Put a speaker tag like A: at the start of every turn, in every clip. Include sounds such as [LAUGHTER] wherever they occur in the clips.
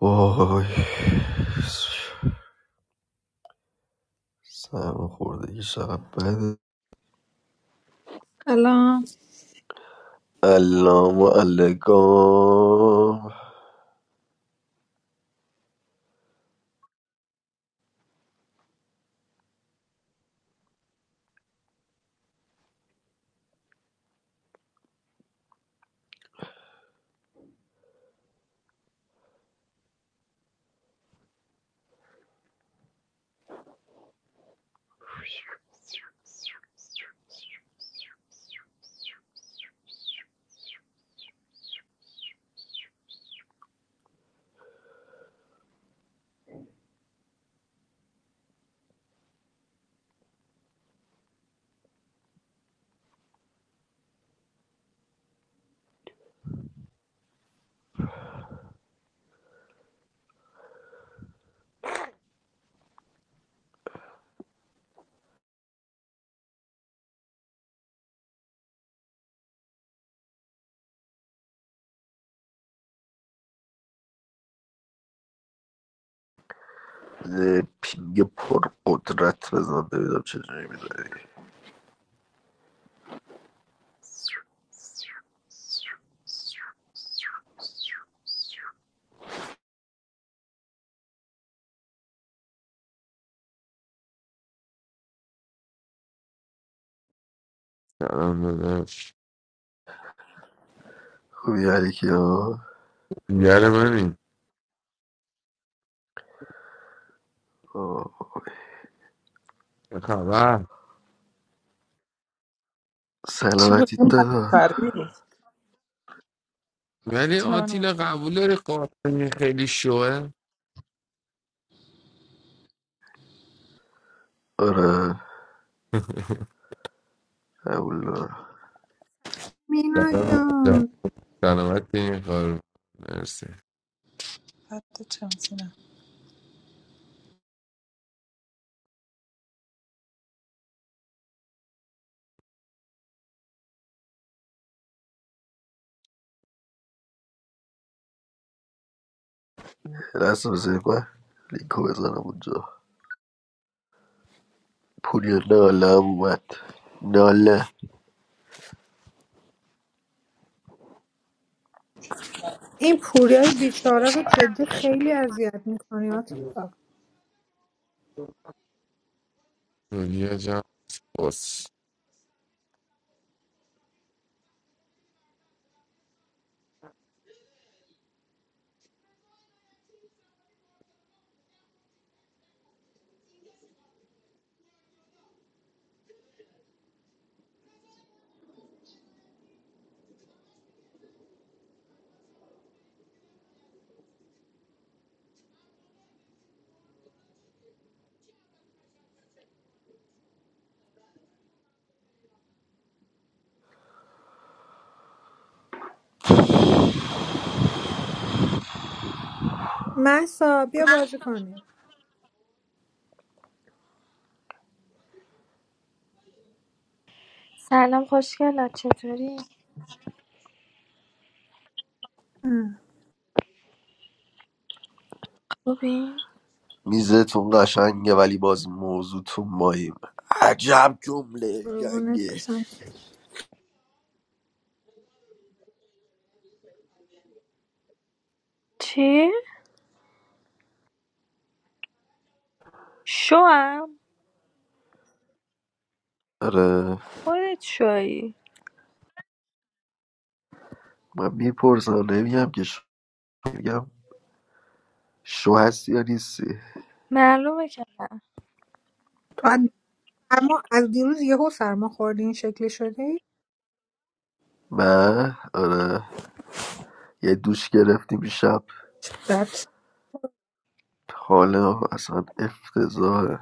A: وای سرماخوردگی چقدر بده
B: سلام
A: علام و علگام یه پینگ پر قدرت بزن ببینم چجوری میداری
C: سلام
A: خوبی علیکی ها
C: میگره ببین
A: آه.
C: چه خبر
D: چی بود
A: سلامتی
D: اون
A: دادا
D: بود؟
C: ولی
D: چلا منو مت
C: آتیلا
D: کن
C: قبول داری قاتل خیلی شوه
A: آره اولا
B: مینا
C: سلام.
B: جان
C: سلامت این کار مرسی
D: فردا چمسی نه
A: دست بزنی من لینکو بزنم اونجا پوری نالم اومد ناله
B: این پوریای بیچاره رو جدی خیلی اذیت میکنی آتیلا
C: دنیا جان
B: محسا بیا بازی کنی
E: سلام خوشگلم چطوری؟
B: اه،
E: خوبی؟
A: میزتون قشنگه ولی باز موضوعتون ماییم عجب جمله
B: قربونت
A: گنگه
B: بشم
E: چی؟ شوام؟
A: آره
E: خودت شوی
A: من میپرسم نمیگم که شو میگم شو هستی یا نیستی
E: معلومه که
B: تو از سرما از دیروز یهو سرما خوردی این شکلی شدی
A: من آره یه دوش گرفتیم شب
B: بعد
A: حالا اصلا افتضاحه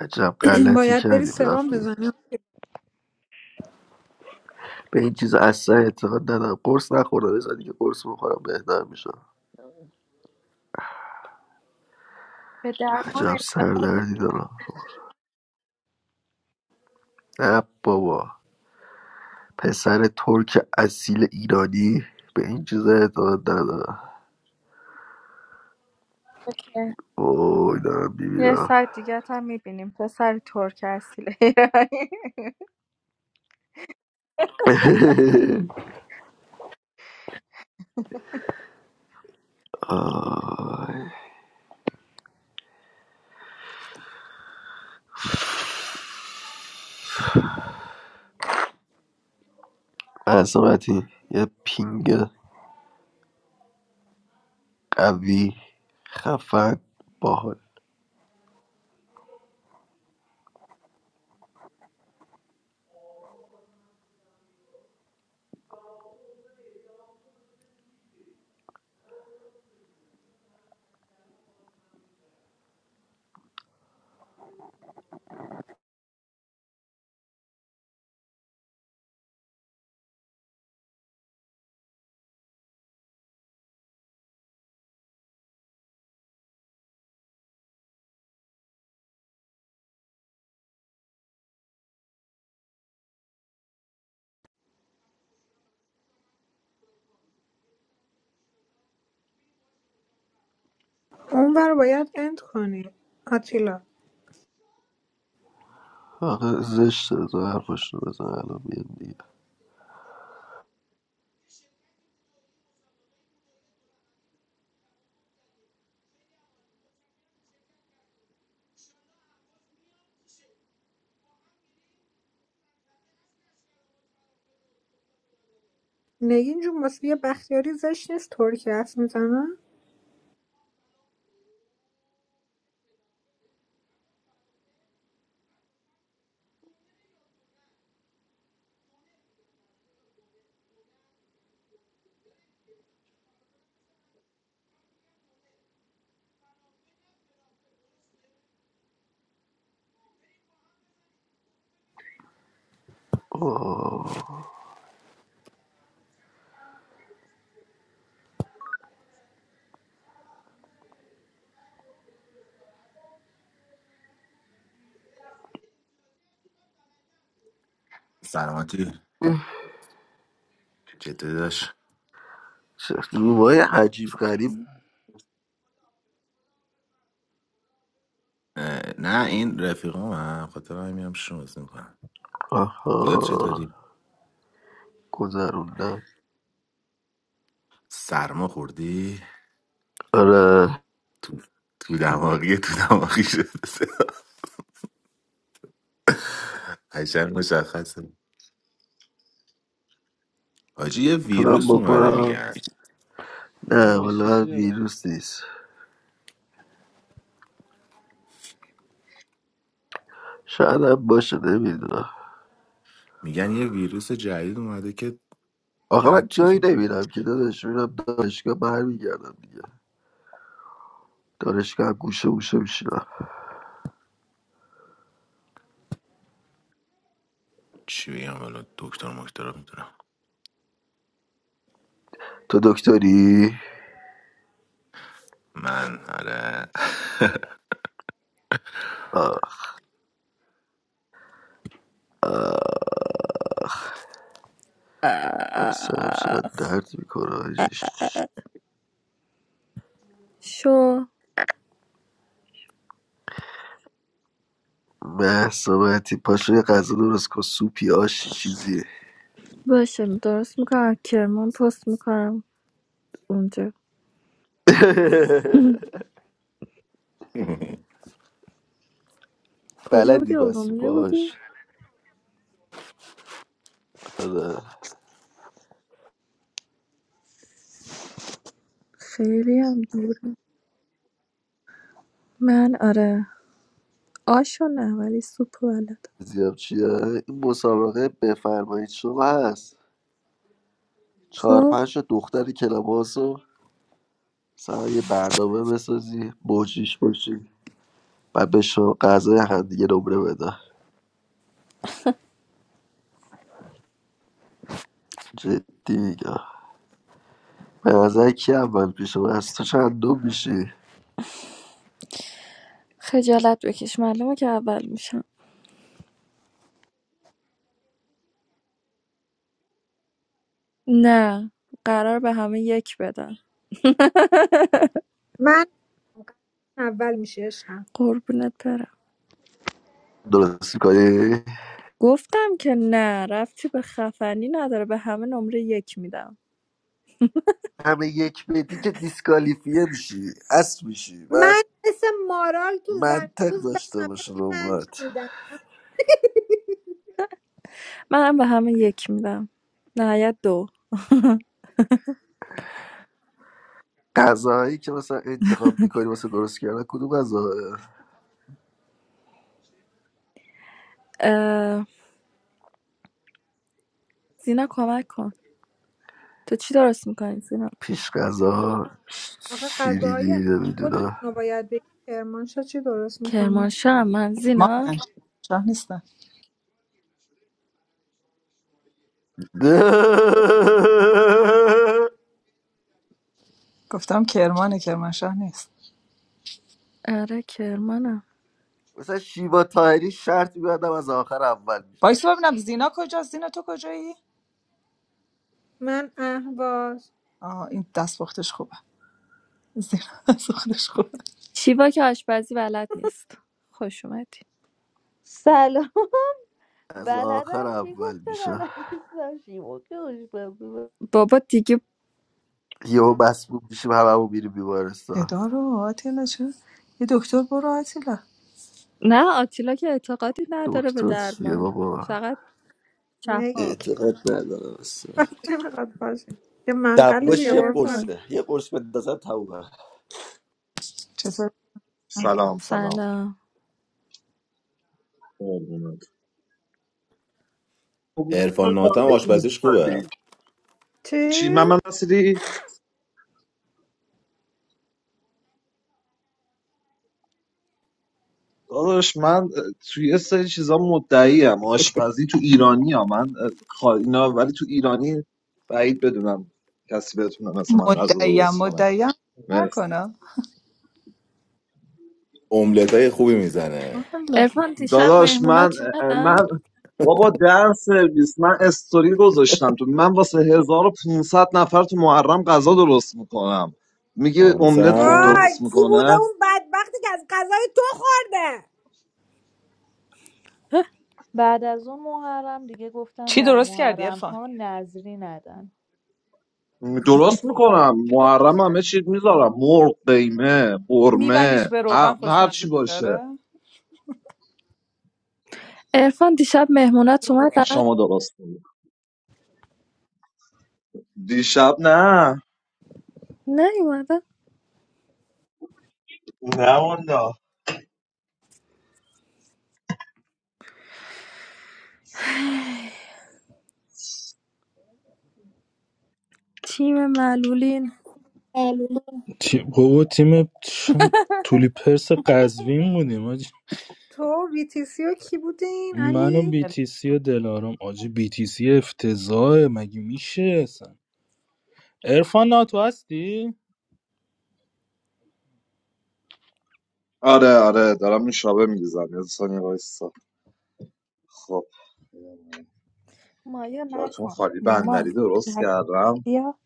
A: عجب
B: [CLEARS THROAT]
A: غلطی
B: باید بری
A: کردیم
B: سرم
A: رفتیم
B: بزنی
A: به این چیز اصلا اعتقاد ندارم قرص نخوردم بزن دیگه قرص بخورم بهتر میشم
E: به درمان
A: عجب سردردی دارم نه بابا پسر ترک اصیل ایرانی به این چیزا اعتقاد ندارم
E: که
A: وای دارم
E: یه
A: میبینم
E: سر دیگه هم میبینیم پسر ترک اصیل ایرانی
A: [LAUGHS] عظمتی یه پینگ قوی خفن باحال
B: اون بر باید اند کنی آتیلا
A: آخه زشته تو حرفاشونو بزن الان میاد دیگه
B: نگین جون واسه یه بختیاری زشت نیست طوری که حرف میزنم
F: Oh.
A: آه.
G: سلامتی چطوری داشت
A: چه رومای عجیب غریب
G: نه این رفیقام هم خاطر هم میرم شمس میکنم خودت
A: آها
G: چطوری
A: گذروندن
G: سرما خوردی
A: آره
G: تو تو دماغی تو دماغی شده [LAUGHS] قشنگ مشخصه حاجی یه
A: میتونم
G: ویروس اومده
A: بکنم
G: میگن
A: نه
F: Oh,
A: والا
F: sweetie.
A: ویروس نیست شاید هم باشه نمیدونم
G: میگن یه ویروس جدید اومده که
A: آقا من
G: بعد چیز
A: جایی
G: می-
A: نمیرم که داداش میرم دانشگاه برمیگردم دیگه دانشگاه هم گوشه گوشه میشینم
G: چی بگم حالا دکتر مکتر میتونم
A: تو دکتری
G: من آره [LAUGHS]
A: آه وای سرم
E: [LAUGHS]
A: چقدر
E: آخ.
A: درد میکنه آجیش
E: شو
A: محصابتی پاشو یه غذا درست کن سوپی آشی چیزی
E: باشه درست میکنم کرمان پست میکنم اونجا
A: [LAUGHS]
E: [CLEARS THROAT] کجا بودی؟
A: بلدی پس سوپ
E: ارومیه بودی؟
A: آش آره
E: خیلی هم دور من آره آشو نه ولی سوپ بلد
A: زیاد چیه این مسابقه بفرمایید شما هست چهار
E: خب
A: پنج تا دختر کلاباس رو سر یه برنامه بسازی موجیش باشی و به شما غذای همدیگه نمره بدن جدی میگم به نظر کی اول پیش من از تو چند دو میشی
E: خجالت بکش معلومه که اول میشم نه قرار به همه یک بدم
B: من اول میشه عشقم
E: قربونت برم
A: درست کنی
E: گفتم که نه رفتی به خفنی نداره به همه نمره یک میدم
A: همه یک بدی که دیسکالیفیه میشی اصل میشی من
B: من مثل مارال تو
A: منطق
B: زنگوز به
A: داشته باشه
B: همه پنج
A: نمرات
B: میدم
E: منم به همه یک میدم نهایت دو
A: غذاهایی که مثلا انتخاب میکنی واسه درست کردن کدوم غذا
E: اه، زینا کمک کن تو چی درست میکنی زینا
A: پیش غذا
B: آقا
A: شیرینی
B: غذاهای خودتون
A: نمیدونم
B: رو باید بگی کرمانشاه چی درست میکنه
E: کرمانشاه من زینا
D: کرمانه شاه نیستن
A: [LAUGHS]
D: گفتم کرمانه کرمانشاه نیست
E: آره کرمانم
A: مثلا شیوا تایری شرط میبندم از آخر اول میشه
D: وایس ببینم زینا کجاست زینا تو کجایی
B: من اهواز
D: آه این دستپختش خوبه زینا [LAUGHS] دستپختش خوبه
E: شیوا که آشپزی بلد نیست خوش اومدی
H: سلام [LAUGHS]
A: از آخر
H: بلدم کی
A: اول
H: گفته
A: میشه
H: بلد نیستم شیوا که خوشمزه.
E: بابا دیگه
A: یهو مسبوب میشیم هممون میریم بیمارستان
D: صدا رو آتیلا چه یه دکتر برو آتیلا
E: نه آتیلا که اعتقادی نداره به
A: دکتر چیه
E: درمان
A: بابا
E: فقط
B: نگین
E: شفا
A: اعتقاد ندارم اصلا
B: کفش نمیخواد باشه یه منقل
E: چطور
A: دواش
B: دیگه
A: یه
B: قربونت
E: عرفان
A: قرصه یه قرص بندازن تمومه
D: چطور
I: سلام سلام
E: سلام
I: قربونت قربونت تو
G: عرفان ناتم
I: تارگت
G: آشپزیش خوبه
I: می‌زدی.
B: چی؟
I: چی محمد نصیری داداش من اه، توی یه سری چیزا مدعی ام آشپزی تو ایرانی ها من اه، خا- اینا ولی تو ایرانی بعید بدونم کسی بتونه مثل من غذا
D: مدعیم
I: درست کنه
D: مدعیم
I: مرسی
D: نکنم
G: املت های خوبی میزنه
D: والا
E: ارفان دیشب
I: داداش من
E: مهمونات
I: اه،
E: اومدن
I: من بابا در سرویس من استوری گذاشتم تو من واسه 1500 نفر تو محرم غذا درست میکنم میگه املت خوب
G: ناموسم
I: درست
B: وای کی بوده
I: میکنه
B: اون بدبختی که از غذای تو خورده
H: بعد از اون محرم دیگه گفتن
D: چی
H: در
D: درست کردی
H: محرم
D: ارفان
H: ها نظری ندن
I: درست میکنم
D: چی درست
I: محرم
D: کردی
I: همه چی میذارم مرغ قیمه قرمه
D: میبندیش به روغن
I: ه- هر چی
D: خوشمزه
I: باشه
D: داره
E: ارفان دیشب مهمونات اومدن
I: شما درست کنید دیشب نه
E: نیومدن
I: نه والا
E: تیم معلولین
J: معلومه تیم بابا تیم چ- تولی پرس قزوین بودیم آجی
B: تو ویتیسی و کی بودین
J: من و
B: علی؟
J: بی تی سی و دلارام آجی بی تی سی افتضاحه مگه میشه اصلا ارفان ناتو هستی؟
I: آره آره دارم نوشابه میریزم یه ثانیه وایسا خب
E: مایه
I: جاتون
E: نکن
I: خالی
E: مامان
I: بندری درست
E: نکن
I: کردم
E: بیا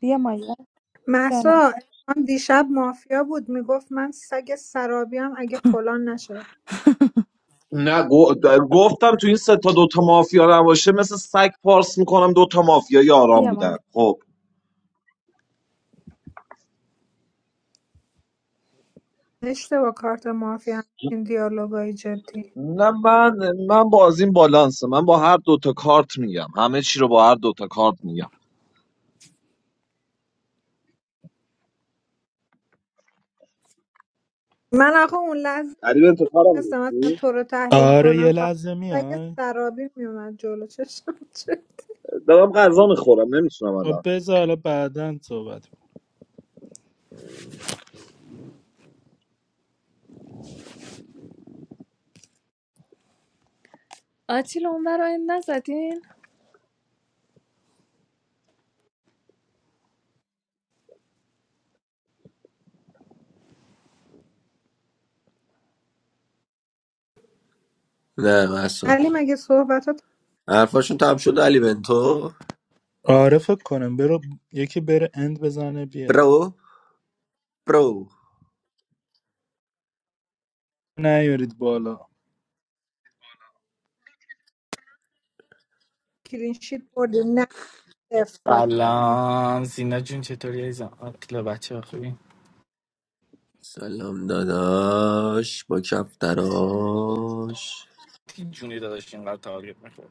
E: بیا مایه جانم
B: محسا من دیشب مافیا بود میگفت من سگ سرابیم اگه فلان نشه
I: نه گو- د- گفتم تو این سه تا دوتا مافیا نباشه مثل سگ پارس میکنم دوتا مافیا یاران
E: بیا
I: بودن
E: مایه
I: خب
B: اشتباه کارت مافیا این دیالوگای جدی
I: نه من من بازیم بالانسه من با هر دوتا کارت میگم همه چی رو با هر دوتا کارت میگم
B: من آخه اون لحظه
I: تقریبا تو کارم
B: نستم اصلا
I: نیستی
B: تو رو تحلیل
J: آره
B: کنم
J: یه
B: فقط
J: لحظه
B: اگه
J: میای
B: سرابی میومد جلو چشم چه-
I: دارم غذا میخورم نمیتونم
J: خب
I: الان
J: بذار حالا بعدا صحبت کن.
E: آتیل اون برای نزدی
A: نه مثلا
B: علی مگه صحبت ها
A: حرفاشون تم شد علی بنتو
J: آره فکر کنم برو یکی بره اند بزنه بیاد
A: برو برو
J: نیارید بالا
B: کلینشیت بردی نه افته
K: Allam, sinajun che toriyeza. Atla bacha va koi.
A: سلام داداش با کفتراش
K: Che junida dashengar tha target mein koi.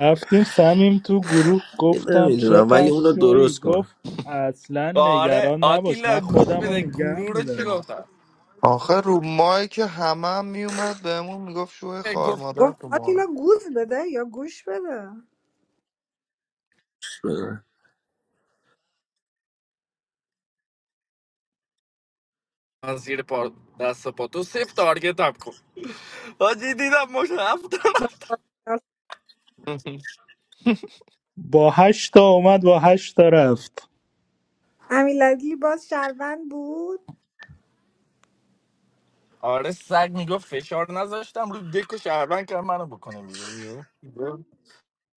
J: رفتیم سمیم تو گروه
A: یه
J: گفتم
A: نمیدونم ولی
J: چقدر
A: اونو
J: شوی
A: درست کن
J: گفت اصلا
K: Aur
J: نگران نباش من
K: aatila gush
J: خودم
K: mein
J: رو
K: ek
J: نگه
K: guru ra
J: میدارم
K: chigota.
L: آخه رو مایک همه هم میومد بهمون میگفت شوه
K: Ek
L: خار مادر
B: گفت
L: تو ما
B: آتیلا گوز بده یا گوش بده
K: guffaazir paas sapato seft target apko. Aaj dida mocha apna.
L: [LAUGHS]
J: با هشت تا اومد با هشت تا رفت
B: امیرعلی باز شروند بود
K: Aur ek saag ni guffaazir na dashti. Mere dekho shabankar mana bokhane miyo miyo. Bro,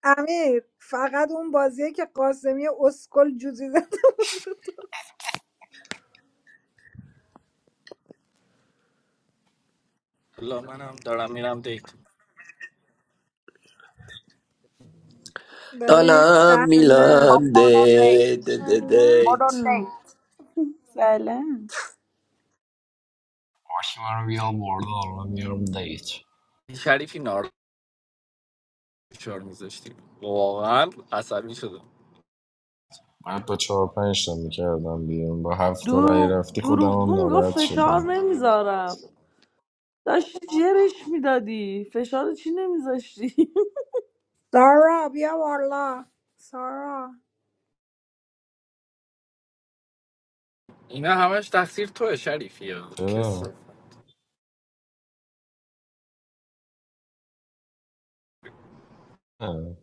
B: امیر فقط اون بازیه که قاسمی اسکل جوزی زده بود رو تو.
K: lo main ham, darami ham dekh.
B: داری میری
A: دالم
B: جهنم
M: خب
A: میلم
M: برو دی
A: دیت دیت
B: سلام
M: برو
A: دیت
M: دیت سلام
N: پاشی منو بیار بالا حالا میارم دیت
K: Sharifin aur dashti. Walaan asabi chodo.
N: من با چهار پنج تا میکردم بیرون با هفت تا رای
M: دروغ
N: رفتی خودم هم
M: دروغگو میگفت
N: ناراحت
M: فشار
N: شدم
M: نمیذارم داشتی جرش میدادی فشار چی نمیذاشتی
B: سارا بیا والا سارا
K: Ina hamash daxir toh Sharifia.
N: چرا؟
K: Kesa?
N: نه.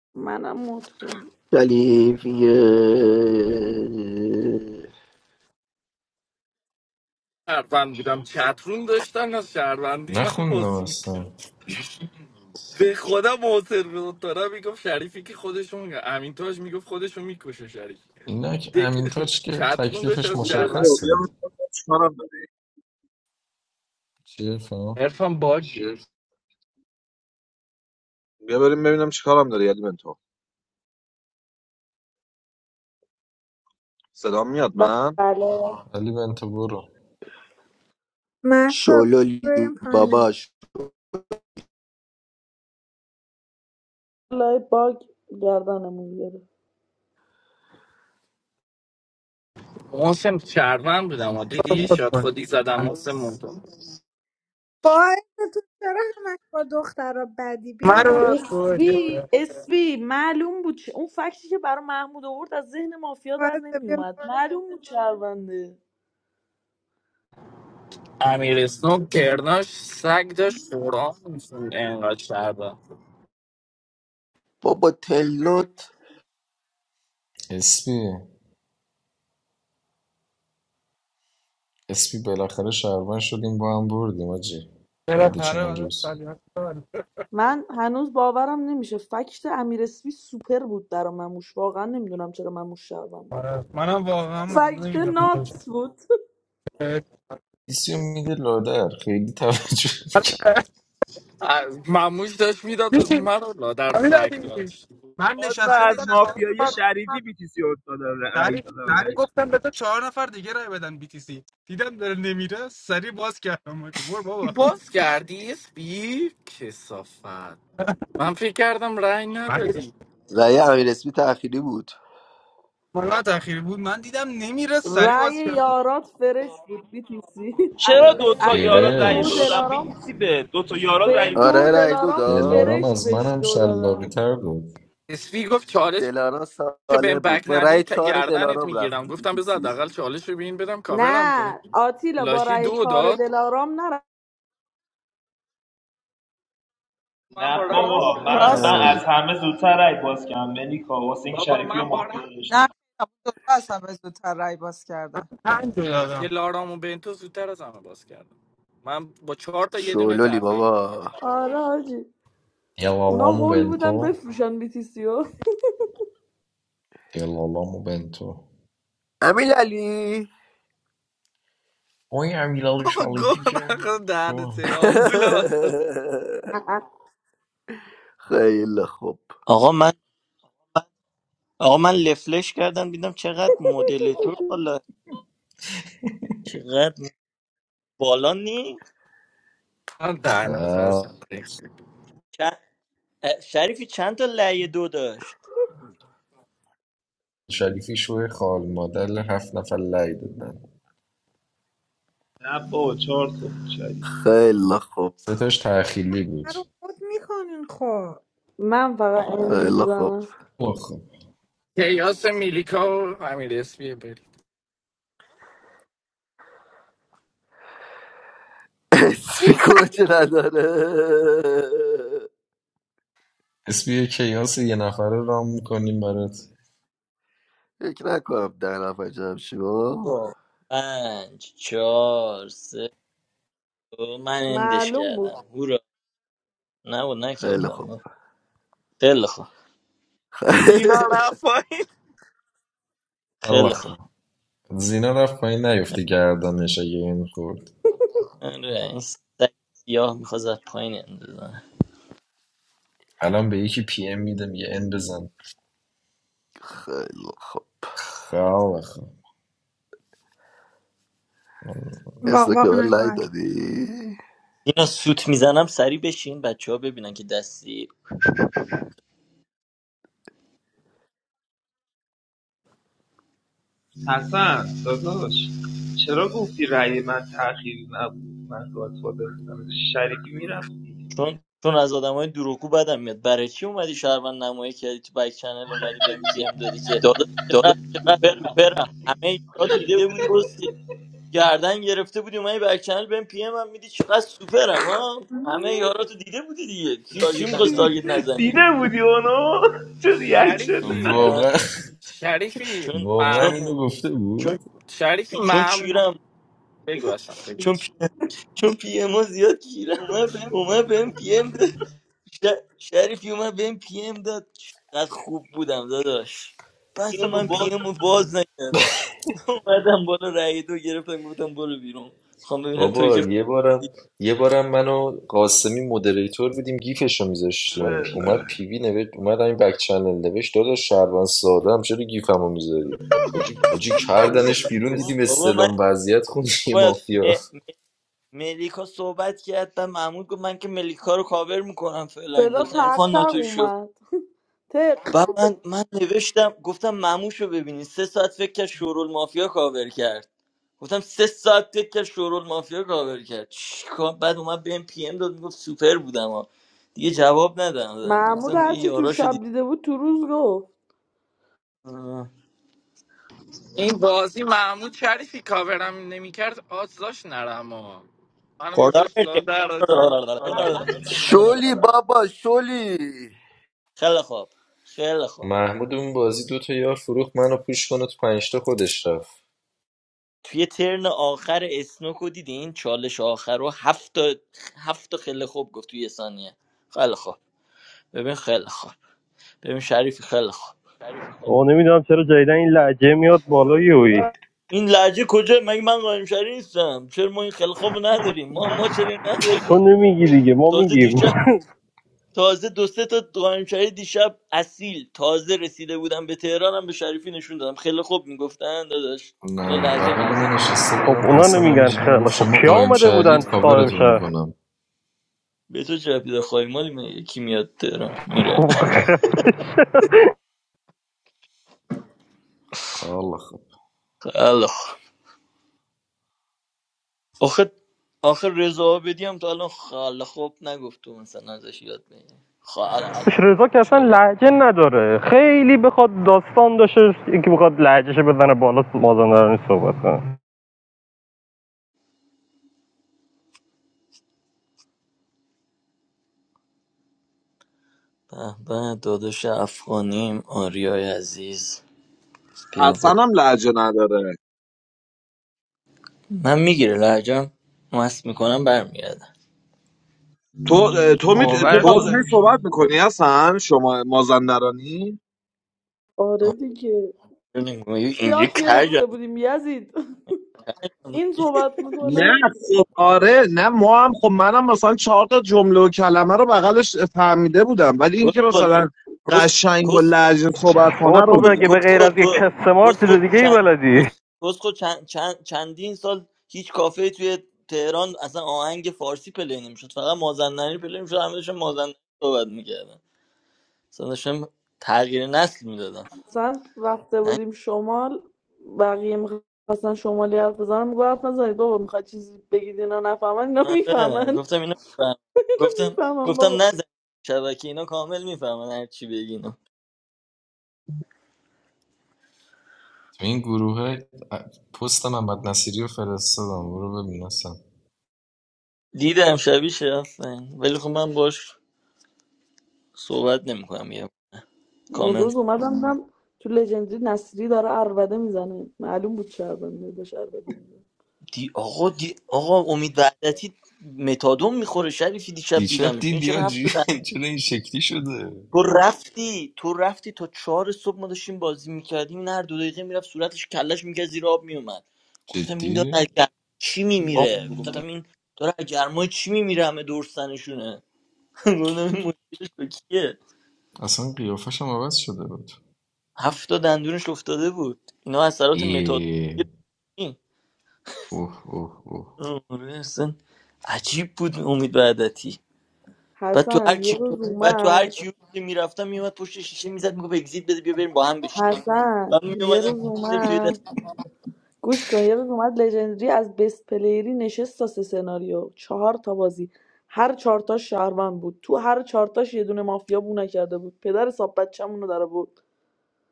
M: [LAUGHS] منم موت کنی
A: شریفیه
K: I am 40 years old. I am a 40-year-old.
N: نخوندم اصلا
K: I
N: اینک امین تاج که تکلیفش
I: علی بنتو، بیا
N: مشخصه
I: بریم ببینم چیکارم داری
N: چیه فهم؟
I: بیا بریم ببینم چیکارم داری علی بنتو صدا میاد من
M: بله
N: علی بنتو برو
B: محسا
A: شلولی
B: بریم پایین
A: باباش
M: لای باگ گردنمون گرفت
K: am a
O: بود کن
B: باعث تو چرا همش با دخترا بدی بیا
O: من رو
B: بالا
O: گوجه
M: اسبی
O: کرد
M: اسبی معلوم بود چه- اون فکتی که برای محمود آورد از ذهن مافیا در
B: باعث بیا
M: نمیومد معلوم بود شرونده
K: 40-year-old.
A: بابا تلنت
N: اسپی اسپی بالاخره شهروند شدیم با هم بردیم آجی بعد
O: بالاخره
N: چند
O: بعد از
N: روز
O: سالیان سال.
M: من هنوز باورم نمیشه فکت امیر اسپی سوپر بود برا مموش واقعا نمیدونم چرا مموش شهروند بود
O: آره منم واقعا
M: فکت
O: نمیدونم
M: ناتس بود
N: اسپی میده لادر خیلی توجه می‌کنه.
O: امیر علی من
P: باز من
O: نشسته بودم
P: از
O: چهار
P: مافیای
O: نفر
P: شریفی بیتیسی افتادم رأی
O: تعریف
P: دادم
O: من
P: شریف بهش
O: گفتم به تو چهار نفر دیگه رای بدن بی تی سی دیدم داره نمیره سری باز کردم من که بابا
K: Bossyardie speak, Safa. I'm thinking I'm right now,
O: من
K: buddy.
A: رأی امیر اسمی تأخیری بود
O: من تاخیر بود من دیدم نمیره سری
M: رأی
O: باز کردم
M: یارات فرش بود بیتیسی
P: چرا دو تا یارات
M: بنتو
P: رأی
M: و
P: دو
N: برش
P: دادم
M: دلارام
P: بیتیسی به دو تا یارات رأی
M: بنتو و
A: آره
P: دادم
A: رأی دو
M: دلارام
A: داد
N: دلارام
M: فرش
N: از
M: بهش
N: منم
M: رو
N: شلاقی
M: دادن
N: تر بود
K: He's like, "What? 14?
A: دلارا
K: I'm
A: ساله
K: not
A: بود
K: back,
A: با
K: buddy."
A: رأی
K: I'm like,
A: چهار
K: "I'm not going to tell
A: دلارام
K: you." I'm
A: رفتی
K: like, "I'm going to
A: بیتیسی
K: tell you." I'm like, "I'm going to
M: نه آتیلا با
K: tell you." I'm like, "I'm going to tell
M: رأی چهار دلارام نره
P: من نه بابا من من
D: راست
P: از همه زودتر رأی باز کردم ملیکا واسه این بابا شریفی و مافیا
D: نه
P: داشتم
D: خیلی دوتا از همه زودتر رای باز
O: من
D: کردن
O: پنج رو دادم
K: you." I'm like, "I'm going to tell you." I'm like, "I'm going to tell you." I'm like, "I'm going to tell you." I'm like, "I'm going to tell you." I'm like, "I'm
A: شلولی بابا
M: آره حاجی
N: Ela
M: اونا
N: lá me
M: هول بودن
N: bentou.
M: بفروشن بیتیسیو
N: Ela lá me bentou.
A: امین علی
N: Oi, امیرعلی شریفی که شو
A: [LAUGHS]
M: [LAUGHS]
A: خیلی خوب
Q: آقا من آقا من لفلش کردم دیدم چقدر مدل تو حالا چقدر بالا نی
N: خب،
K: going
Q: چ- اه، شریفی چند تا لایه دو داشت
N: شریفی شوی خال مادر هفت نفر لعی دادن
P: نه بابا چهار تا بود شریف
A: خیلی خوب
N: سه تاش تأخیری بود
B: من رو مد میکنین خب
M: من فقط این
A: خیلی خوب
M: میزنم
N: خب
A: اسمی
B: میری بس
A: کوچه نداره
N: اسمی کیاس یه نفره رام میکنیم برات
A: فکر نکنم در نفر جمع شیم
Q: خب. پنج چهار سه دو. من اندش
M: معلوم بود
Q: کردم هورا نه بود
A: خیلی خوب
Q: نکردم خیلی خوب
A: [LAUGHS]
K: to tell you."
N: الله
Q: خیلی خوب
N: خب. زینا رفت پایین نیفته گردنش اگه این خورد
Q: آره، این سگ سیاه میخواد از پایین اندازن
N: الان به یکی پی ام میده میگه این بزن
A: خیلی خوب
N: خب خب.
B: واق
A: اسلک به
B: واق
A: من لای
B: نکن
A: دادی
Q: اینا سوت میزنم سری بشین بچه ها ببینن که دستی
P: حسن داداش چرا گفتی رأی من تأخیری نبود من گادفادر بودم شریفی میرفتی دیگه
Q: چون چون از آدمای دروغگو بدم میاد برای چی اومدی شهروند نمایی کردی تو بک چنل اومدی بهم پی ام دادی که
P: داداش
Q: داداش
P: چقدر
Q: چقدر
P: سوپر هم.
Q: سوپرم همه
P: تو
Q: یاراتو
P: دیده
Q: دیده
P: بودی
Q: بودی
P: بس
Q: کسی گردن گرفته بودی اومدی بک چنل بهم پی ام هم میدی چقدر سوپرم ها همه
B: [LAUGHS]
Q: یاراتو دیده بودی دیگه کی کی
P: تارگت
Q: می‌خواست
P: نزنی
Q: تارگت نزنی
P: دیده بودی اونو چه
K: Shadi
P: ریاکشن
K: fi
Q: اه،
N: واقعا
K: shadi fi
Q: چون
N: واقعا
Q: چون
K: maamu
N: اینو گفته بود [LAUGHS]
Q: چون
K: shadi fi
Q: چون
K: maamu
Q: کیرم
K: bego asha bego.
Q: چون پی... چون پی ام ها زیاد کیرم
P: موقع بهم
Q: اومد بهم پی ام ش- شریفی اومد بهم پی ام داد چقدر خوب بودم داداش پس
P: فیلم
Q: من پی
P: باگ
Q: ام رو باز نکردم [LAUGHS] اومدم بالا رأی دو گرفتم گفتم برو بیرون خوام ببینم توی
N: بابا
Q: که
N: یه بارم یه بارم من و قاسمی مدریتور بودیم گیفشو
P: با آره
N: میذاشتیم
P: آره.
N: اومد پیوی نوشت اومد همین بک چنل نوشت داداش شهروند ساده هم چرا گیفمو میذاری حاجی کردنش بیرون دیدیم
Q: بابا من
N: استلام وضعیت خوند یه
Q: بابا
N: مافیا
Q: م... ملیکا صحبت کرد بعد محمود گفت من که ملیکا رو کاور میکنم فعلا
M: صدا
Q: اندازه
M: تق
Q: عرفان
M: تق
Q: ناتوی شد
M: اومد ته
Q: بعد من من نوشتم گفتم مموش رو ببینین سه ساعت فکر کرد شورول مافیا کاور کرد گفتم سه ساعت تک کرد شورول مافیا کاور کرد چیکار بعد اومد بهم پی ام داد میگفت سوپر بودم ها دیگه جواب ندادم
M: محمود
Q: گفتم دیگه
M: هرچی تو
Q: یاراشو
M: شب
Q: دید
M: دیده بود تو روز گفت
K: I'm bazi maamu shadi fi kaabera. I'm ne mikerd out loosh nara mo. I'm an go
Q: خوردم
K: loosh lo daro.
A: شلی
Q: [LAUGHS]
A: بابا شلی
Q: خیلی خواب خیلی خواب
N: محمود اون بازی دو تا یار فروخت منو پوش کنه تو پنجتا خودش رفت
Q: توی ترن آخر اسنوکو دیدین چالش آخر رو هفت تا هفت تا خیلی خوب گفت توی یه ثانیه خیلی خواب ببین خیلی خواب ببین شریفی خیلی خواب
R: آقا نمیدونم چرا جدیدن این لحجه میاد بالایی یوی
Q: این لحجه کجا مگه من قایم شری نیستم چرا ما این خیلی خوب رو نداریم ما ما چرا اینو نداریم
R: تو نمیگی دیگه ما
Q: تازه
R: میگیم
Q: دیشب تازه دو سه تا قائمچهای دیشب اصیل تازه رسیده بودم به تهرانم به شریفی نشون دادم خیلی خوب میگفتن داداش اینا
N: نه
Q: لهجه
N: بغل ما نشسته
R: خب
N: بودم
R: اونا
N: حسن
R: نمیگن
N: همینجوری
R: خیلی
N: میگفت
R: خب
N: شما
R: کیا
N: قایم
R: آمده بودن
N: شهرید
R: قائم
N: کاورتون
R: شهر [LAUGHS]
N: میکنم
Q: به تو چه رفیده خواهی مالی من یکی میاد تهران میره
N: الله خب
Q: خیلی خوب آخه آخه رضا عابدی هم تا الان خیلی خوب نگفت تو مثلا ازش یاد بگیری خیلی
R: [APPLAUSE]
Q: خوب
R: رضا که اصلا
Q: چاقا
R: لحجه نداره خیلی بخواد داستان داشته یکی بخواد لحجهش بزنه بالا مازندرانی صحبت کنه
Q: به به داداش افغانیم آریای عزیز بیا با
I: حسنم لهجه نداره
Q: من میگیره لهجم مست میکنم برمیگردم
I: تو تو می تو قشنگ صحبت میکنی حسن شما مازندرانی
M: آره دیگه
Q: آره، نمی‌گم. اینجا
M: یاد گرفته
Q: کجم
M: بودیم یزید [LAUGHS] این صحبت
I: نه
M: میکنه
I: خب آره نه ما هم خب منم مثلا چهار تا جمله و کلمه رو بغلش فهمیده بودم ولی اینکه
Q: کسخل
I: مثلا
Q: کس
I: قشنگ و
Q: کسخل
I: لحجه صحبت
R: بابا
I: کنه رو
R: تو اگه به
I: میگم
R: غیر
Q: کسخل
R: از یک
Q: دو
R: کسمار چیز
Q: کسخل
R: دیگه ای
Q: چند
R: بلدی
Q: کس- کسخل چند چند چندین سال هیچ کافه توی تهران اصلا آهنگ فارسی پلی نمیشد فقط مازندرانی پلی میشد همه داشتن مازندرانی صحبت میکردن اصلا داشتم تغییر نسل میدادم
M: مثلا رفته
Q: نه
M: بودیم شمال بقیه میخواستن شمالی حرف بزنن میگو حرف نزنید بابا میخواد چیزی بگید اینا نفهمن اینا میفهمن
Q: آره، گفتم اینو میفهم
M: [LAUGHS] اینا
Q: گفتم
M: میفهمن
Q: گفتم
M: بابا
Q: نزن شبکه اینا کامل میفهمن هر چی بگی اینا
N: تو این گروه پست محمد نصیری رو فرستادم برو ببین
Q: دیدم شبیه شرفتن ولی خب من باش صحبت نمیکنم
M: اون
Q: یه
M: روز اومدم دیدم تو لژندری نصری داره عربده میزنه معلوم بود چه عربده داشت عربده میزنه
Q: دی آقا دی آقا امید وحدتی متادون میخوره شریفی دیشب
N: دیشب
Q: دیدمش این
N: دیدی یا
Q: چرا هفت
N: جی
Q: دادن
N: [LAUGHS] چرا این شکلی شده
Q: تو رفتی تو رفتی تا چهار صبح ما داشتیم بازی میکردیم این هر دو دقیقه میرفت صورتش کلش میکرد زیر آب میومد گفتم این داره از
N: جدی
Q: گرمای چی میمیره
P: گفتم
Q: گفتم این داره از گرمای چی میمیره همه دورستنشونه [LAUGHS] گفتم این مشکلش با کیه
N: اصلا قیافش هم عوض شده بود
Q: هفت تا دندونش افتاده بود اینا اثرات متادون
N: ای اوه اوه اوه
Q: آره اصلا عجیب بود امید وحدتی بعد تو هر
M: حسن یه
Q: کیو
M: روز
Q: بعد تو هر
M: اومد
Q: کیو که میرفتم میومد پشت شیشه میزد میگفت اگزییت بده بیا بریم با هم بشینیم
M: حسن
Q: من
M: یه
Q: میومدم
M: روز
Q: توی
M: اومد
Q: دست
M: گوش کن یه روز اومد لژندری از بست پلیری نشست تا سه سناریو چهار تا بازی هر چهار تاش شهروند بود تو هر چهار تاش یه دونه مافیا بو نکرده بود پدر صاحب بچه‌مون رو در آورد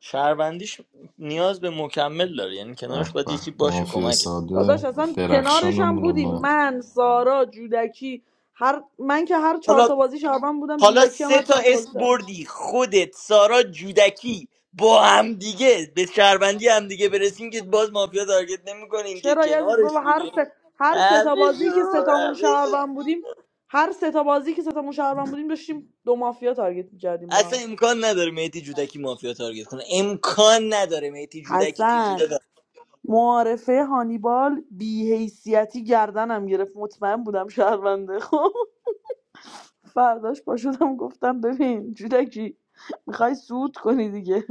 Q: شهروندیش نیاز به مکمل داره یعنی
N: به
Q: کنارش باید
N: به
Q: یکی باشه
N: مافیا
Q: کمک
M: داداش
N: ساده
M: اصلا کنارش هم
N: درخشانمون
M: بودیم
N: اومد
M: من سارا جودکی هر من که هر چهار
Q: حالا
M: تا بازی شهروند بودم
Q: حالا
M: جودکی هم هر
Q: سه تا
M: چهار تا بازی
Q: اسم
M: شهروند بود.
Q: بردی خودت سارا جودکی با هم دیگه به شهروندی هم دیگه برسین که باز مافیا تارگت نمیکنین که
M: چرا یزید
Q: کنارش
M: بابا هر
Q: بودین
M: سه هر سه تا بازی که
Q: عوضو،
M: سه تامون
Q: عوضو.
M: شهروند بودیم هر سه تا بازی که سه تامون شهروند بودیم داشتیم دو مافیا تارگت می‌کردیم با
Q: اصلا
M: هم
Q: امکان نداره میتی جودکی مافیا تارگت کنه امکان نداره میتی جودکی
M: حسن
Q: مافیا
M: معارفه هانیبال بیحیثیتی گردنم گرفت مطمئن بودم شهرونده [LAUGHS] خب فرداش پاشدم گفتم ببین جودکی میخوای سود کنی دیگه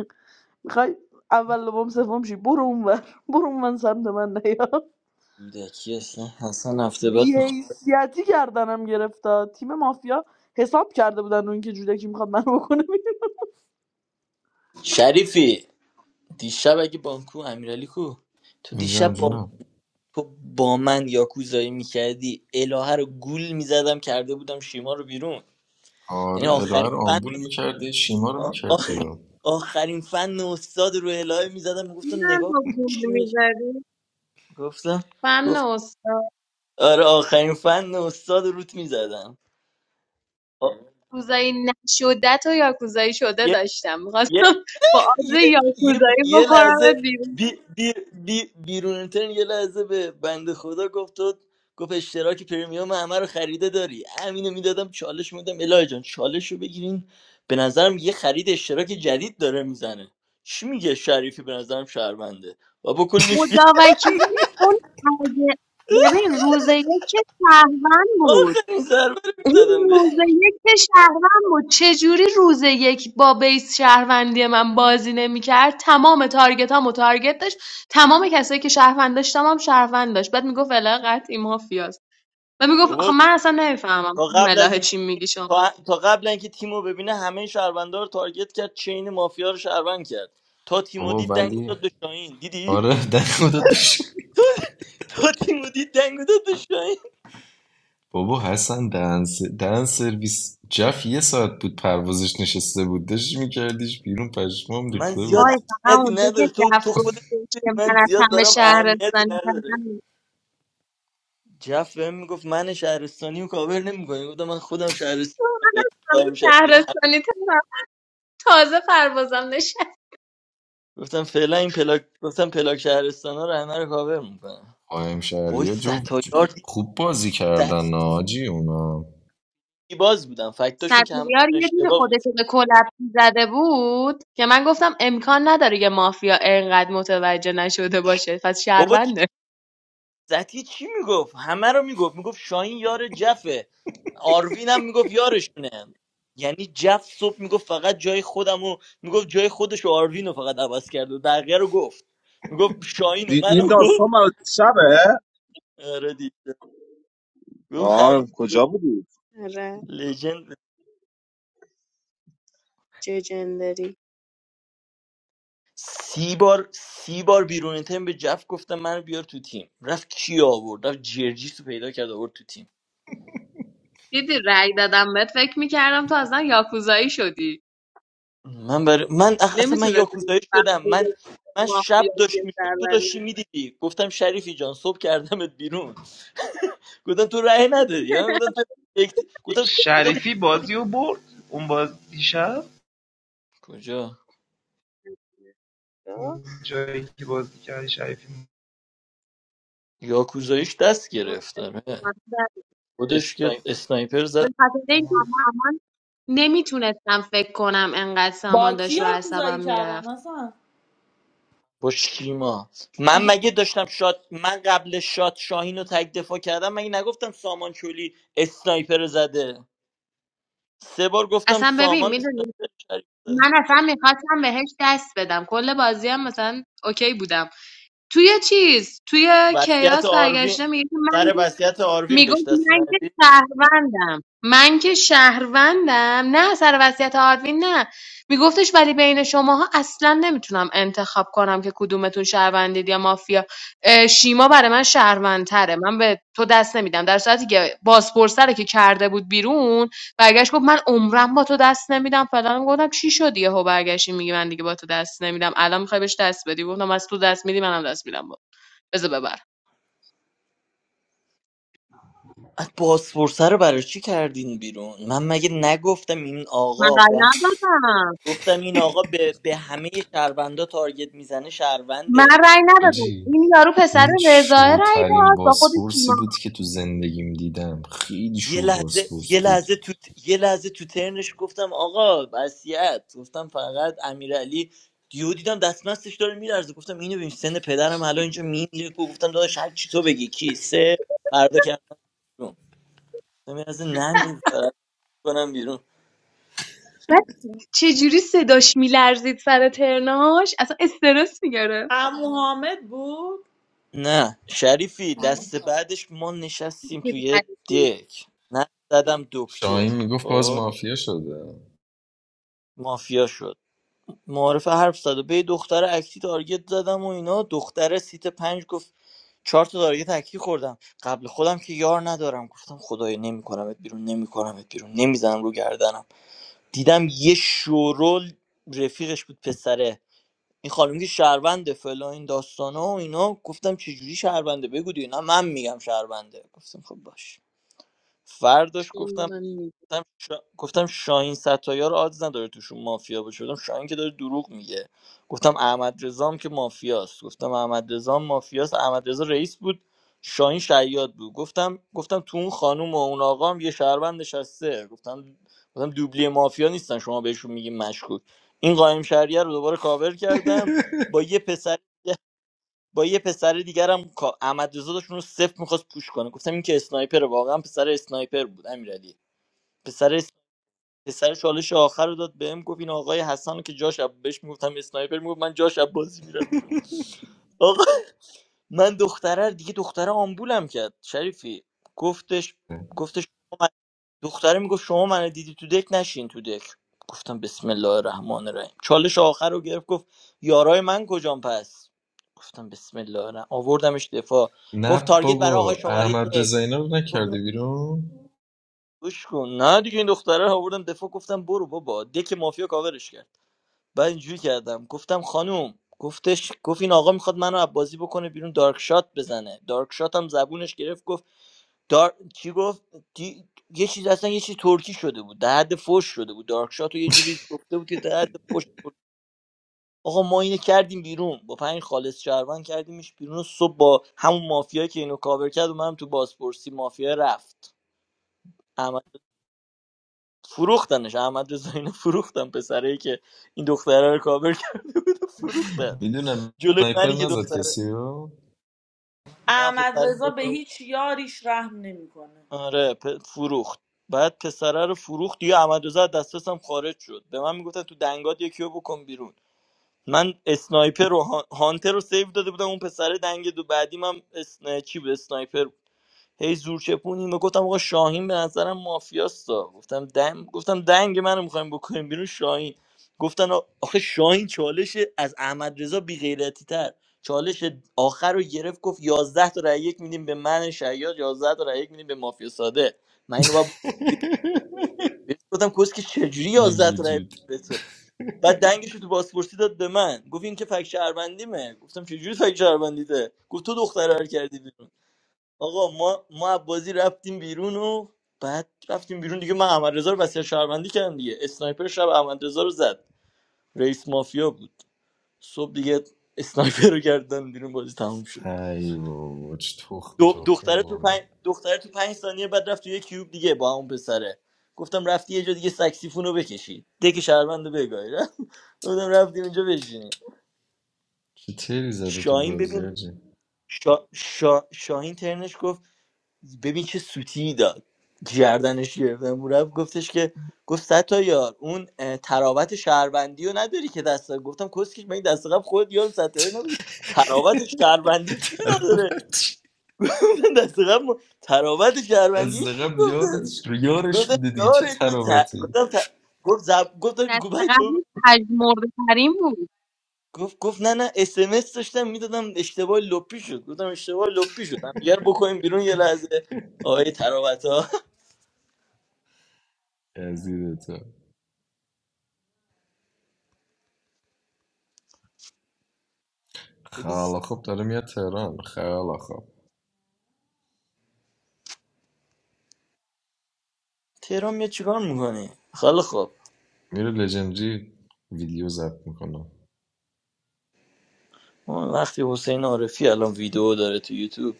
M: میخوای اول لبام سوم شی برو اونور برو اونور سمت من نیا
Q: کودکی اصلا حسن هفته بعد میخواد
M: بیحیثیتی گردنم گرفتا تیم مافیا حساب کرده بودن اون که جودکی میخواد منو بکنه بیرون.
Q: شریفی دیشب اگه بانکو امیرعلی کو تو
N: اینجا هم
Q: دیشب با من
N: جونم
Q: تو با من یاکوزایی میکردی الهه رو گول میزدم کرده بودم شیما رو بیرون
N: آره
Q: یعنی
N: الهه
Q: آخرین
N: رو
Q: فن
N: آمبول میکرده شیما رو
Q: آ-
N: میکرد
Q: آخ-
N: بیرون
Q: آخرین فن استاد رو الهه میزدم میگفتم
S: من
Q: نگاه کن
S: با گول
Q: چی می
S: میزدی
Q: گفتم
S: فهم
Q: گفت
S: استاد
Q: آره آخرین فن استاد روت میزدم
S: یاکوزایی نشده تو یاکوزایی شده داشتم میخواستم با آز
Q: یه یه
S: یاکوزایی
Q: یه
S: بکنم
Q: لحظه
S: بیرون
Q: بی بی بی بیرون اینترن یه لحظه به بنده خدا گفت تو گفت اشتراک پرمیوم همه رو خریده داری همینو میدادم چالش میدادم الهی جان چالش رو بگیرین به نظرم یه خرید اشتراک جدید داره میزنه چی میگه شریفی به نظرم شهرونده و بکنیمش بی
S: خدا وکیلی اون اگه ببین روز یک که شهروند بود
Q: آخرین ضربه رو
S: این
Q: میزدم به
S: روز یک که شهروند بود چجوری روز یک با بیس شهروندی من بازی نمیکرد تمام تارگت هم و تارگت داشت تمام کسایی که شهروند داشتم هم شهروند داشت بعد میگفت فلان قطعی مافیاست و میگفت آخه
Q: بابا
S: من اصلا نمیفهمم
Q: تا قبل از
S: ملاحه
Q: این
S: چی میگی شما
Q: تا تا قبل اینکه تیمو ببینه همه شهروندا رو تارگت کرد چین مافیا رو شهروند کرد تا تیمو
N: بابا
Q: دید دنگو
N: ولی
Q: داد به شاهین دیدی
N: آره در خودت بشه.
Q: تو تیمودی دنگو داداش شاهین.
N: بابا حسن دهن س- دهن سرویس جف یه ساعت بود پروازش نشسته بود داشت میکردیش بیرون پشمام
Q: من
N: ریخته
Q: زیاد
N: بود
S: وای فقط
Q: اهمیتی
S: اونجا که
Q: نداره تو
S: دف
Q: تو خودت
S: گفتش
Q: می‌دونی
S: که من
Q: من
S: از
Q: زیاد
S: همه
Q: دارم اهمیتی
S: شهرستانی
Q: نداره
S: ترم
Q: جف بهم میگفت من شهرستانی رو کاور نمیکنی گفتم من خودم شهرستانم
S: من
Q: فعلا
S: از همه
Q: قایم شهریه.
S: شهرستانی ترم تازه پروازم نشه
Q: گفتم فعلا این پلاک گفتم پلاک شهرستان ها رو همه رو کاور میکنم
N: قایم
Q: وای
N: شهری جفت
Q: ستایار دی-
N: خوب بازی
Q: س-
N: کردن آجی اونا
Q: سی باز بودم فکتاشون که همه
S: سرپیار یه دیر
Q: اشتباه
S: خودش
Q: بود
S: رو به کلپسی زده بود که من گفتم امکان نداره یه مافیا اینقدر متوجه نشده باشه پس
Q: بابا
S: شهرونده
Q: زتی چی میگفت همه رو میگفت میگفت شاهین یار جفه آروین هم میگفت یارشونه یعنی جف صبح میگفت فقط جای خودم و میگفت جای خودش و آروین رو فقط عوض کرد و بقیه رو گفت میگفت شاهین و
I: دی- این
Q: منو گفت
I: داستان برای شبه
Q: آره دی گفت همه
I: آه کجا بودی
S: آره
Q: لژند
S: چه جندری
Q: سی بار سی بار بیرون تیم به جف گفتم منو بیار تو تیم رفت کی آورد رفت جرجیس رو پیدا کرد آورد تو تیم
S: دیدی رأی دادم بهت فکر میکردم تو اصلا یاکوزایی شدی
Q: من بر... من اخ- اصلا من
S: نمیتونست
Q: یاکوزایی شدم من من
S: مافیا
Q: شب داشت
S: یه
Q: میشد تو داشتی
S: شهروندی
Q: میدیدی گفتم شریفی جان صبح کردمت بیرون گفتم تو رأی ندادی ها؟ گفتم تو یک گفتم شوری
P: شریفی بازیو رو برد اون باز دیشب
Q: کجا
S: چرا؟
P: جایی که بازی کردی شریفی
Q: یاکوزاییش دست گرفتم اه.
S: متاسفانه [LAUGHS]
Q: خودش که
P: اسنایپر
Q: اسنایپر زد
S: به خاطر اینکه سامان نمیتونستم فکر کنم انقدر
M: با
S: سامان
M: کی
S: داشت رو
M: یاکوزایی
S: عصبم
M: کردن
S: میرفت
M: اصلا
Q: با شیما من مگه داشتم شات من قبل شات شاهین رو تک دفاع کردم مگه نگفتم سامان چولی اسنایپر زده سه بار گفتم
S: اصلا ببین
Q: سامان
S: میدونی
Q: اسنایپر زده.
S: من اصلا میخواستم بهش دست بدم کل بازی هم مثلا اوکی بودم توی چیز توی
Q: وصیت
S: کیاس
Q: آروین
S: برگشته میگه که من
Q: سر وصیت آروین بهش
S: میگفت
Q: دست
S: من که
Q: ندی
S: شهروندم من که شهروندم نه سر وصیت آرتین نه میگفتش ولی بین شماها اصلا نمیتونم انتخاب کنم که کدومتون شهروندید یا مافیا اه، شیما برای من شهروندتره من به تو دست نمیدم در صورتی که بازپرسه رو که کرده بود بیرون برگشت گفت من عمرم با تو دست نمیدم فلان گفتم چی شد یهو برگشتی میگی من دیگه با تو دست نمیدم الان میخوای بهش دست بدی گفتم از تو دست میدی منم دست میدم بذار ببر
Q: بازپرسه رو برای چی کردین بیرون من مگه نگفتم این
S: من
Q: آقا
S: رای
Q: به
S: ندادم
Q: گفتم این آقا به, به همه شهروندا تارگت میزنه
S: من
Q: شهرونده
S: رأی ندادم
N: آجی
S: این یارو پسر
N: اون
S: رضاه رأی
N: شوترین
S: داد با خود
N: باسپورسی
S: سیما
N: بود که تو زندگیم دیدم خیلی
Q: یه
N: شو
Q: لحظه
N: باسپورس
Q: یه
N: بود
Q: لحظه تو یه لحظه تو ترنش گفتم آقا وصیت گفتم فقط امیرعلی دیو دیدم دستمستش داره میلرزه گفتم اینو ببین سن پدرم الان اینجا میمیره گفتم داداش هر چی تو بگی کی سه فردا کردم بیرون گفتم یه لحظه نمیذارم کنم بیرون
S: بعد چجوری صداش میلرزید سر ترناش اصلا استرس میگرفت
M: عمو حامد بود
Q: نه شریفی دست بعدش ما نشستیم
S: خیلی
Q: توی
S: غریب بود.
Q: دک نه زدم دکتر
N: شاهین میگفت باز
Q: خب
N: مافیا شده
Q: مافیا شد معارفه حرف زد و به یه دختر اکتی تارگت زدم و اینا دختر سیت پنج گفت چهار تا تارگت اکتی خوردم قبل خودم که یار ندارم گفتم خدای نمیکنمت بیرون نمیکنمت بیرون نمیزنم رو گردنم دیدم یه شورول رفیقش بود پسره این خانم که شهرونده فلا این داستانا و اینا گفتم چجوری شهرونده بگو دیگه نه من میگم شهرونده گفتم خب باش فرداش
S: اون
Q: گفتم
S: من می‌گم.
Q: گفتم شا... گفتم شاهین ستایار آدز نداره توشون مافیا باشه گفتم شاهین که داره دروغ میگه گفتم احمد رضام که مافیاست گفتم احمد رضام مافیاست احمد رضا رئیس بود شاهین شیاد بود گفتم گفتم تو اون خانم و اون آقا یه شهروند نشسته گفتم گفتم دوبلی مافیا نیستن شما بهشون میگین مشکوک این قایم شهریه رو دوباره کاور کردم
N: [LAUGHS]
Q: با یه پسر با یه پسر دیگرم کا- احمد رضا داشت اون رو صفر میخواست پوش کنه گفتم این که اسنایپر واقعا پسر اسنایپر بود امیرعلی پسر پسر چالش آخر رو داد بهم گفت این آقای حسن که جاش عب- بهش میگفتم اسنایپر میگفت من جاش عباسی میرم بیرون آقا من دختره رو- دیگه دختره آمبولم کرد شریفی گفتش گفتش شما من- دختره میگفت شما من دیدی تو دک نشین تو دک گفتم بسم الله الرحمن الرحیم چالش آخر رو گرفت گفت یارای من کجام پس گفتم بسم الله الرحمن آوردمش دفاع گفت
N: نه
Q: تارگت برای آقای
N: بابا
Q: شماره
N: احمد
Q: یک
N: رضایینا رو
Q: گفت اینو
N: نکردی بیرون
Q: گوش کن نه دیگه این دختره رو آوردم دفاع گفتم برو بابا دک مافیا کاورش کرد بعد اینجوری کردم گفتم خانوم گفتش گفت این آقا میخواد منو از بازی بکنه بیرون دارک شات بزنه دارک شات هم زبونش گرفت گفت دار... چی گفت دی... یه چیز اصلا یه چیز ترکی شده بود در حد فوش شده بود دارک شات رو یه جوری گفته بود که در حد فوش آقا ما اینو کردیم بیرون با پنج خالص شهروند کردیمش بیرون و صبح با همون مافیا که اینو کاور کرد اومدم تو بازپرسی مافیا رفت احمد فروختنش احمد رضا اینو فروختن پسرایی که این دختره رو کاور کرده بود و فروختن
N: میدونم
Q: جلوی
N: سنایپر
Q: منی که
N: نزد
Q: دختره
N: کسی رو
Q: نه
M: احمد
Q: پسر
M: رضا به هیچ یاریش رحم نمیکنه
Q: آره پ... فروخت بعد پسره رو فروخت دیگه احمد رضا از دسترسم خارج شد به من میگفتن تو دنگات یکی رو بکن بیرون من اسنایپر و هان- هانتر رو سیو داده بودم اون پسره دنگ دو بعدی من اسن... چی بود اسنایپر بود. هی زور چپونیم و گفتم آقا شاهین به نظرم مافیاستا گفتم دنگ گفتم دنگ منو میخوایم بکنیم بیرون شاهین گفتن آ- آخه شاهین چالش از احمد رضا بی غیرتی تر چالش آخر رو گرفت گفت 11 تا رای یک میدیم به من شیاد یازده تا رای یک میدیم به مافیا ساده من اینو با
N: [LAUGHS]
Q: گفتم کس که چجوری
N: ای
Q: 11 تا رای
N: وجود
Q: به تو بعد دنگش رو تو پاسپورتی داد به من گفت این که فک شهروندیمه گفتم چجوری فک شهروندیته گفت تو دختره رو کردی بیرون. آقا ما ما از بازی رفتیم بیرون و بعد رفتیم بیرون دیگه من احمد رضا رو وصیت شهروندی کردم دیگه اسنایپر شب احمد رضا رو زد رئیس مافیا بود صبح دیگه اسنایپر رو گردن بیرون بازی تموم شد
N: ای بابا چه تخمی
Q: دو
N: تخمی
Q: دختره تو
N: برنم
Q: پنج دختره تو پنج ثانیه بعد رفت تو یه کیوب دیگه با همون پسره گفتم رفتی یه جا دیگه سکسیفون رو بکشی دک شهروند رو بگاهی [LAUGHS] گفتم رفتی اونجا بشینی
N: چه تیری زده تو
Q: شاهین
N: بازی
Q: ببین
N: آجی
Q: شا... شا... شاهین ترنش گفت ببین چه سوتی داد گردنش گرفتم رفت گفتش که گفت ستا یار اون اه، تراوت شهروندی رو نداری که دست گفتم کسکش من این دست قبل خود یار ستایی نبودی تراوت شهروندی چی نداره گفتم دست قبل ما- تراوت شهروندی
N: از
Q: چی
N: رقم
Q: گفته
N: یارش یارش
Q: گفتم
N: بوده دیگه چه
Q: یارش بود ت-
N: تراوتی
Q: گفتم ت- گفت زب... گفتم
S: دست
Q: گفت
S: قبلی پژمرده ترین بود
Q: گفت گفت نه نه اس ام اس داشتم میدادم اشتباه لپی شد گفتم اشتباه لپی شد هم دیگه رو بکنیم بیرون یه لحظه آقای تراوت ها
N: یزیدتو
Q: [LAUGHS]
N: خیلی خوب داره میاد تهران خیلی خوب
Q: تهران میاد چیکار میکنی خیلی خوب
N: میره لژندری ویدیو ضبط میکنه
Q: اون وقتی حسین عارفی الان ویدیو داره تو یوتیوب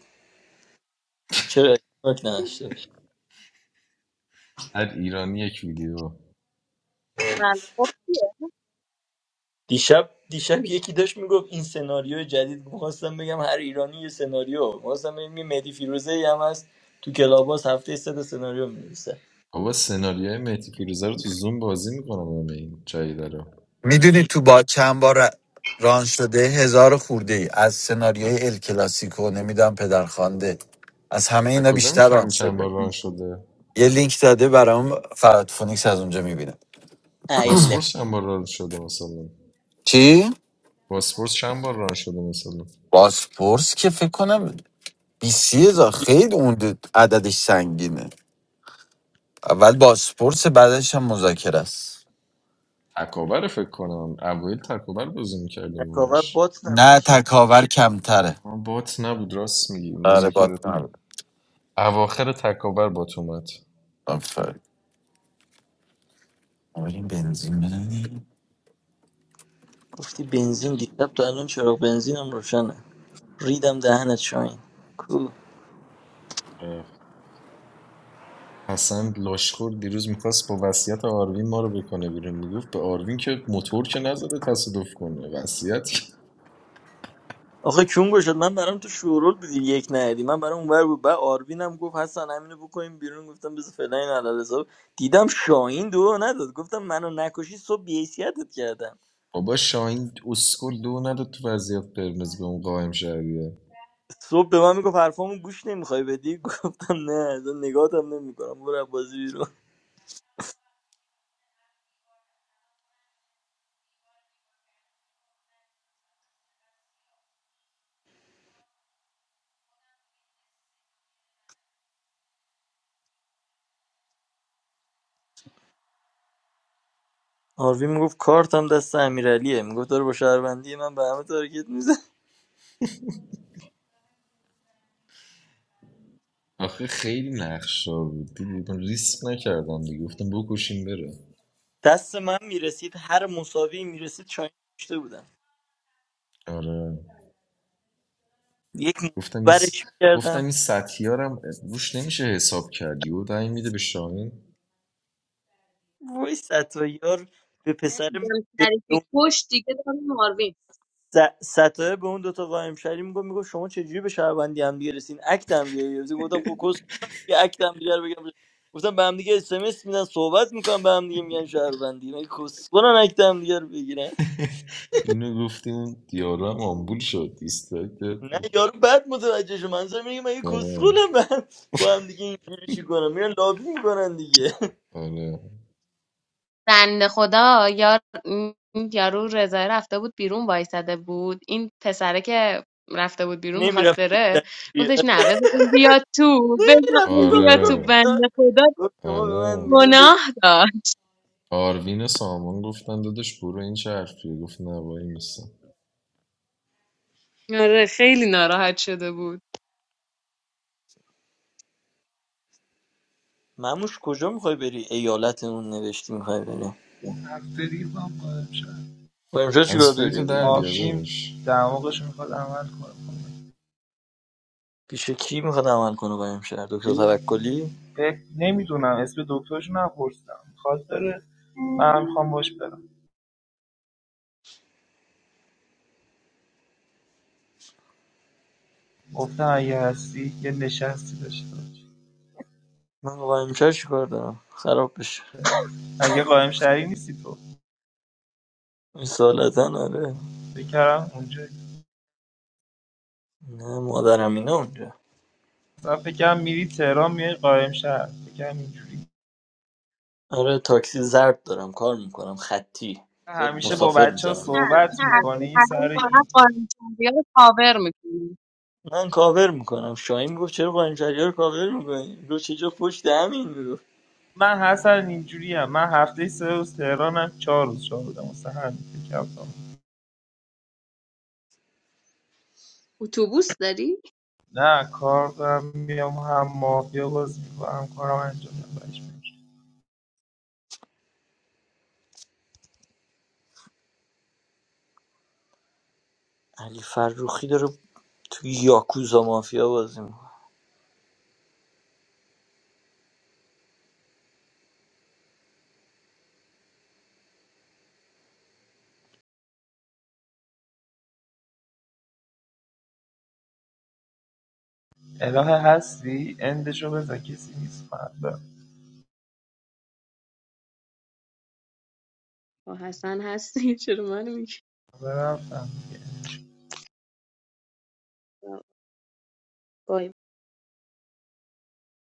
Q: چرا اشتراک نداشته باشه؟
N: هر ایرانی یک ویدیو
S: بله. خب
Q: دیشب دیشب یکی داشت میگفت این سناریو جدید میخواستم بگم هر ایرانی یه سناریو میخواستم بگم یه مهدی فیروزه ای هم هست تو کلاباس هفته سه تا سناریو مینویسه
N: بابا سناریوهای مهدی فیروزه رو تو زوم بازی میکنم همه این جدیده رو
T: میدونی تو با چند بار ران شده هزار خورده ای از سناریوی ال کلاسیکو نمیدم پدرخوانده از همه
N: از
T: اینا
N: کجا
T: بیشتر ران
N: میفهمی چند
T: شده
N: بار ران شده
T: یه لینک داده برام فراد فونیکس از اونجا میبینه
Q: ایله
N: باسپورس چند بار ران شده مثلا
T: چی
N: باسپورس چند بار ران شده مثلا
T: باسپورس که فکر کنم بیسی هزار خیلی اون عددش سنگینه اول باسپورس بعدش هم مذاکره است
N: تکاور فکر کنم اوایل تکاور بازی میکردیم
Q: تکاور
N: همش
Q: بات نبود
T: نه
Q: که
T: تکاور کمتره
N: آه، بات نبود راست میگی
T: آره باد
N: مذاکره اواخر تکاور با اومد
T: آفرین آقا این بنزین بدن
Q: گفتی بنزین دیشب تا الان چراغ بنزینم روشنه ریدم دهنت شاین کو
N: اه. حسن لاشخور دیروز میخواست با وصیت آروین ما رو بکنه بیرون میگفت به آروین که موتور که نزده تصادف کنه وصیت
Q: آخه چون گشاد من برام تو شورول بودی یک ندی من برام اونور بود بعد آروین هم گفت حسن همینو بکنیم بیرون گفتم بذار فعلا این علل حساب دیدم شاهین دو نداد گفتم منو نکشی صبح بیحیثیتت کردم
N: بابا شاهین اسکول دو نداد تو وضعیت قرمز به اون قایم شهریه
Q: صبح به من میگفت حرفامو گوش نمیخوای بدی [LAUGHS] گفتم نه اصلا نگاتم نمیکنم برو از بازی بیرون آروین میگفت کارتم دست امیرعلیه میگفت داره با شهروندی من به همه تارگت میزن
N: آخه خیلی نقشدار بود دیدی ریسک نکردم دیگه گفتم بکشیم بره
Q: دست من میرسید هر مساوی میرسید شاهین کشته بودم
N: آره
Q: یک
N: گفتم این س...
Q: برش میکردم
N: گفتم این سطحیارم روش نمیشه حساب کردی و دنگ میده به شاهین
Q: وای ستایار به پسر
S: دیدم
Q: به اون
S: شریفی کش دیگه دارم ماروین
Q: س- ستایار به اون دوتا قایم شهری میگفت میگفت شما چجوری به شهروندی هم دیگه رسین اکت هم دیگه گرفتین. گفتم خب کس کنم یه اکت هم دیگه رو بگم گفتم به هم دیگه اس ام اس میدن صحبت میکنم به هم دیگه میگن شهروندی مگه کسخلن اکت هم دیگه رو بگیرن
N: اینو گفتیم دیارم آمبول شد دیسترکت
Q: نه یارو بعد متوجه شد منظور میگه مگه
N: آره
Q: کسخلم من با هم دیگه اینجوری چی کنم میرن لابی میکنن دیگه
N: آره
S: بنده خدا یار این یارو رضای رفته بود بیرون وایساده بود این پسره که رفته بود
Q: [LAUGHS]
S: بیرون میخواست
Q: نمیرفت
S: بره گفتش
Q: میرفت
S: نه بذار اون بیاد تو بذار اون
Q: میگفت
S: بیاد تو
N: آره
S: بنده
Q: میگفت
S: خدا
Q: شما به من
N: آره
Q: میگین
S: گناه دار
N: آروین سامان گفتن دادش برو این چه حرفیه گفت نه وای میسه
S: آره خیلی ناراحت شده بود
Q: مموش کجا میخوای بری ایالتمون نوشتی میخوای بری
P: هفته ریزم قایم شد
Q: با امشب چیکار
N: هنسفری
Q: داری
N: تو
P: ببینش
N: در بیار
P: آبجیم
N: دادش
P: دماغش میخواد عمل کنه
Q: پیش کی میخواد عمل کنه با امشب دکتر توکلی
P: نمیدونم اسم دکترش نپرسیدم خواست داره منم میخوام باش برم گفتم اگه هستی یه نشستی داشته باش
Q: من با امشب چیکار دارم خراب بشه
P: مگه قائم شهری نیستی تو
Q: سالتا آره
P: فکر کردم اونجایی
Q: نه مادرم اینا اونجا
P: مثلا فکر کردم میری تهران میای قائم شهر فکر کردم اینجوری
Q: آره تاکسی زرد دارم کار میکنم خطی
P: همیشه با
Q: مسافر
P: بچه ها
Q: میزنم میرم
P: صحبت
S: نه
P: میکنی
S: حسن
P: سر
S: که هر
P: این
S: قانون‌شکنی رو کاور میکنی
Q: من کاور میکنم شاهین میگفت چرا با امشبی رو کاور میکنی گفت چه جا پشت همین میگفت
P: من حسن اینجوری من هفته سه روز تهرانم چهار روز شاه بودم واسه همین فکر کردم.
S: اتوبوس داری؟
P: نه کار دارم میام هم مافیا بازی میکنم کارم انجام میدم بهش می‌رسم.
Q: علی فروخی داره تو یاکوزا مافیا بازی می‌کنه.
P: الهه هستی اندشو بزن کسی نیست فردا
S: با حسن هستی [LAUGHS] چرا منو میگی؟
P: رفتم دیگه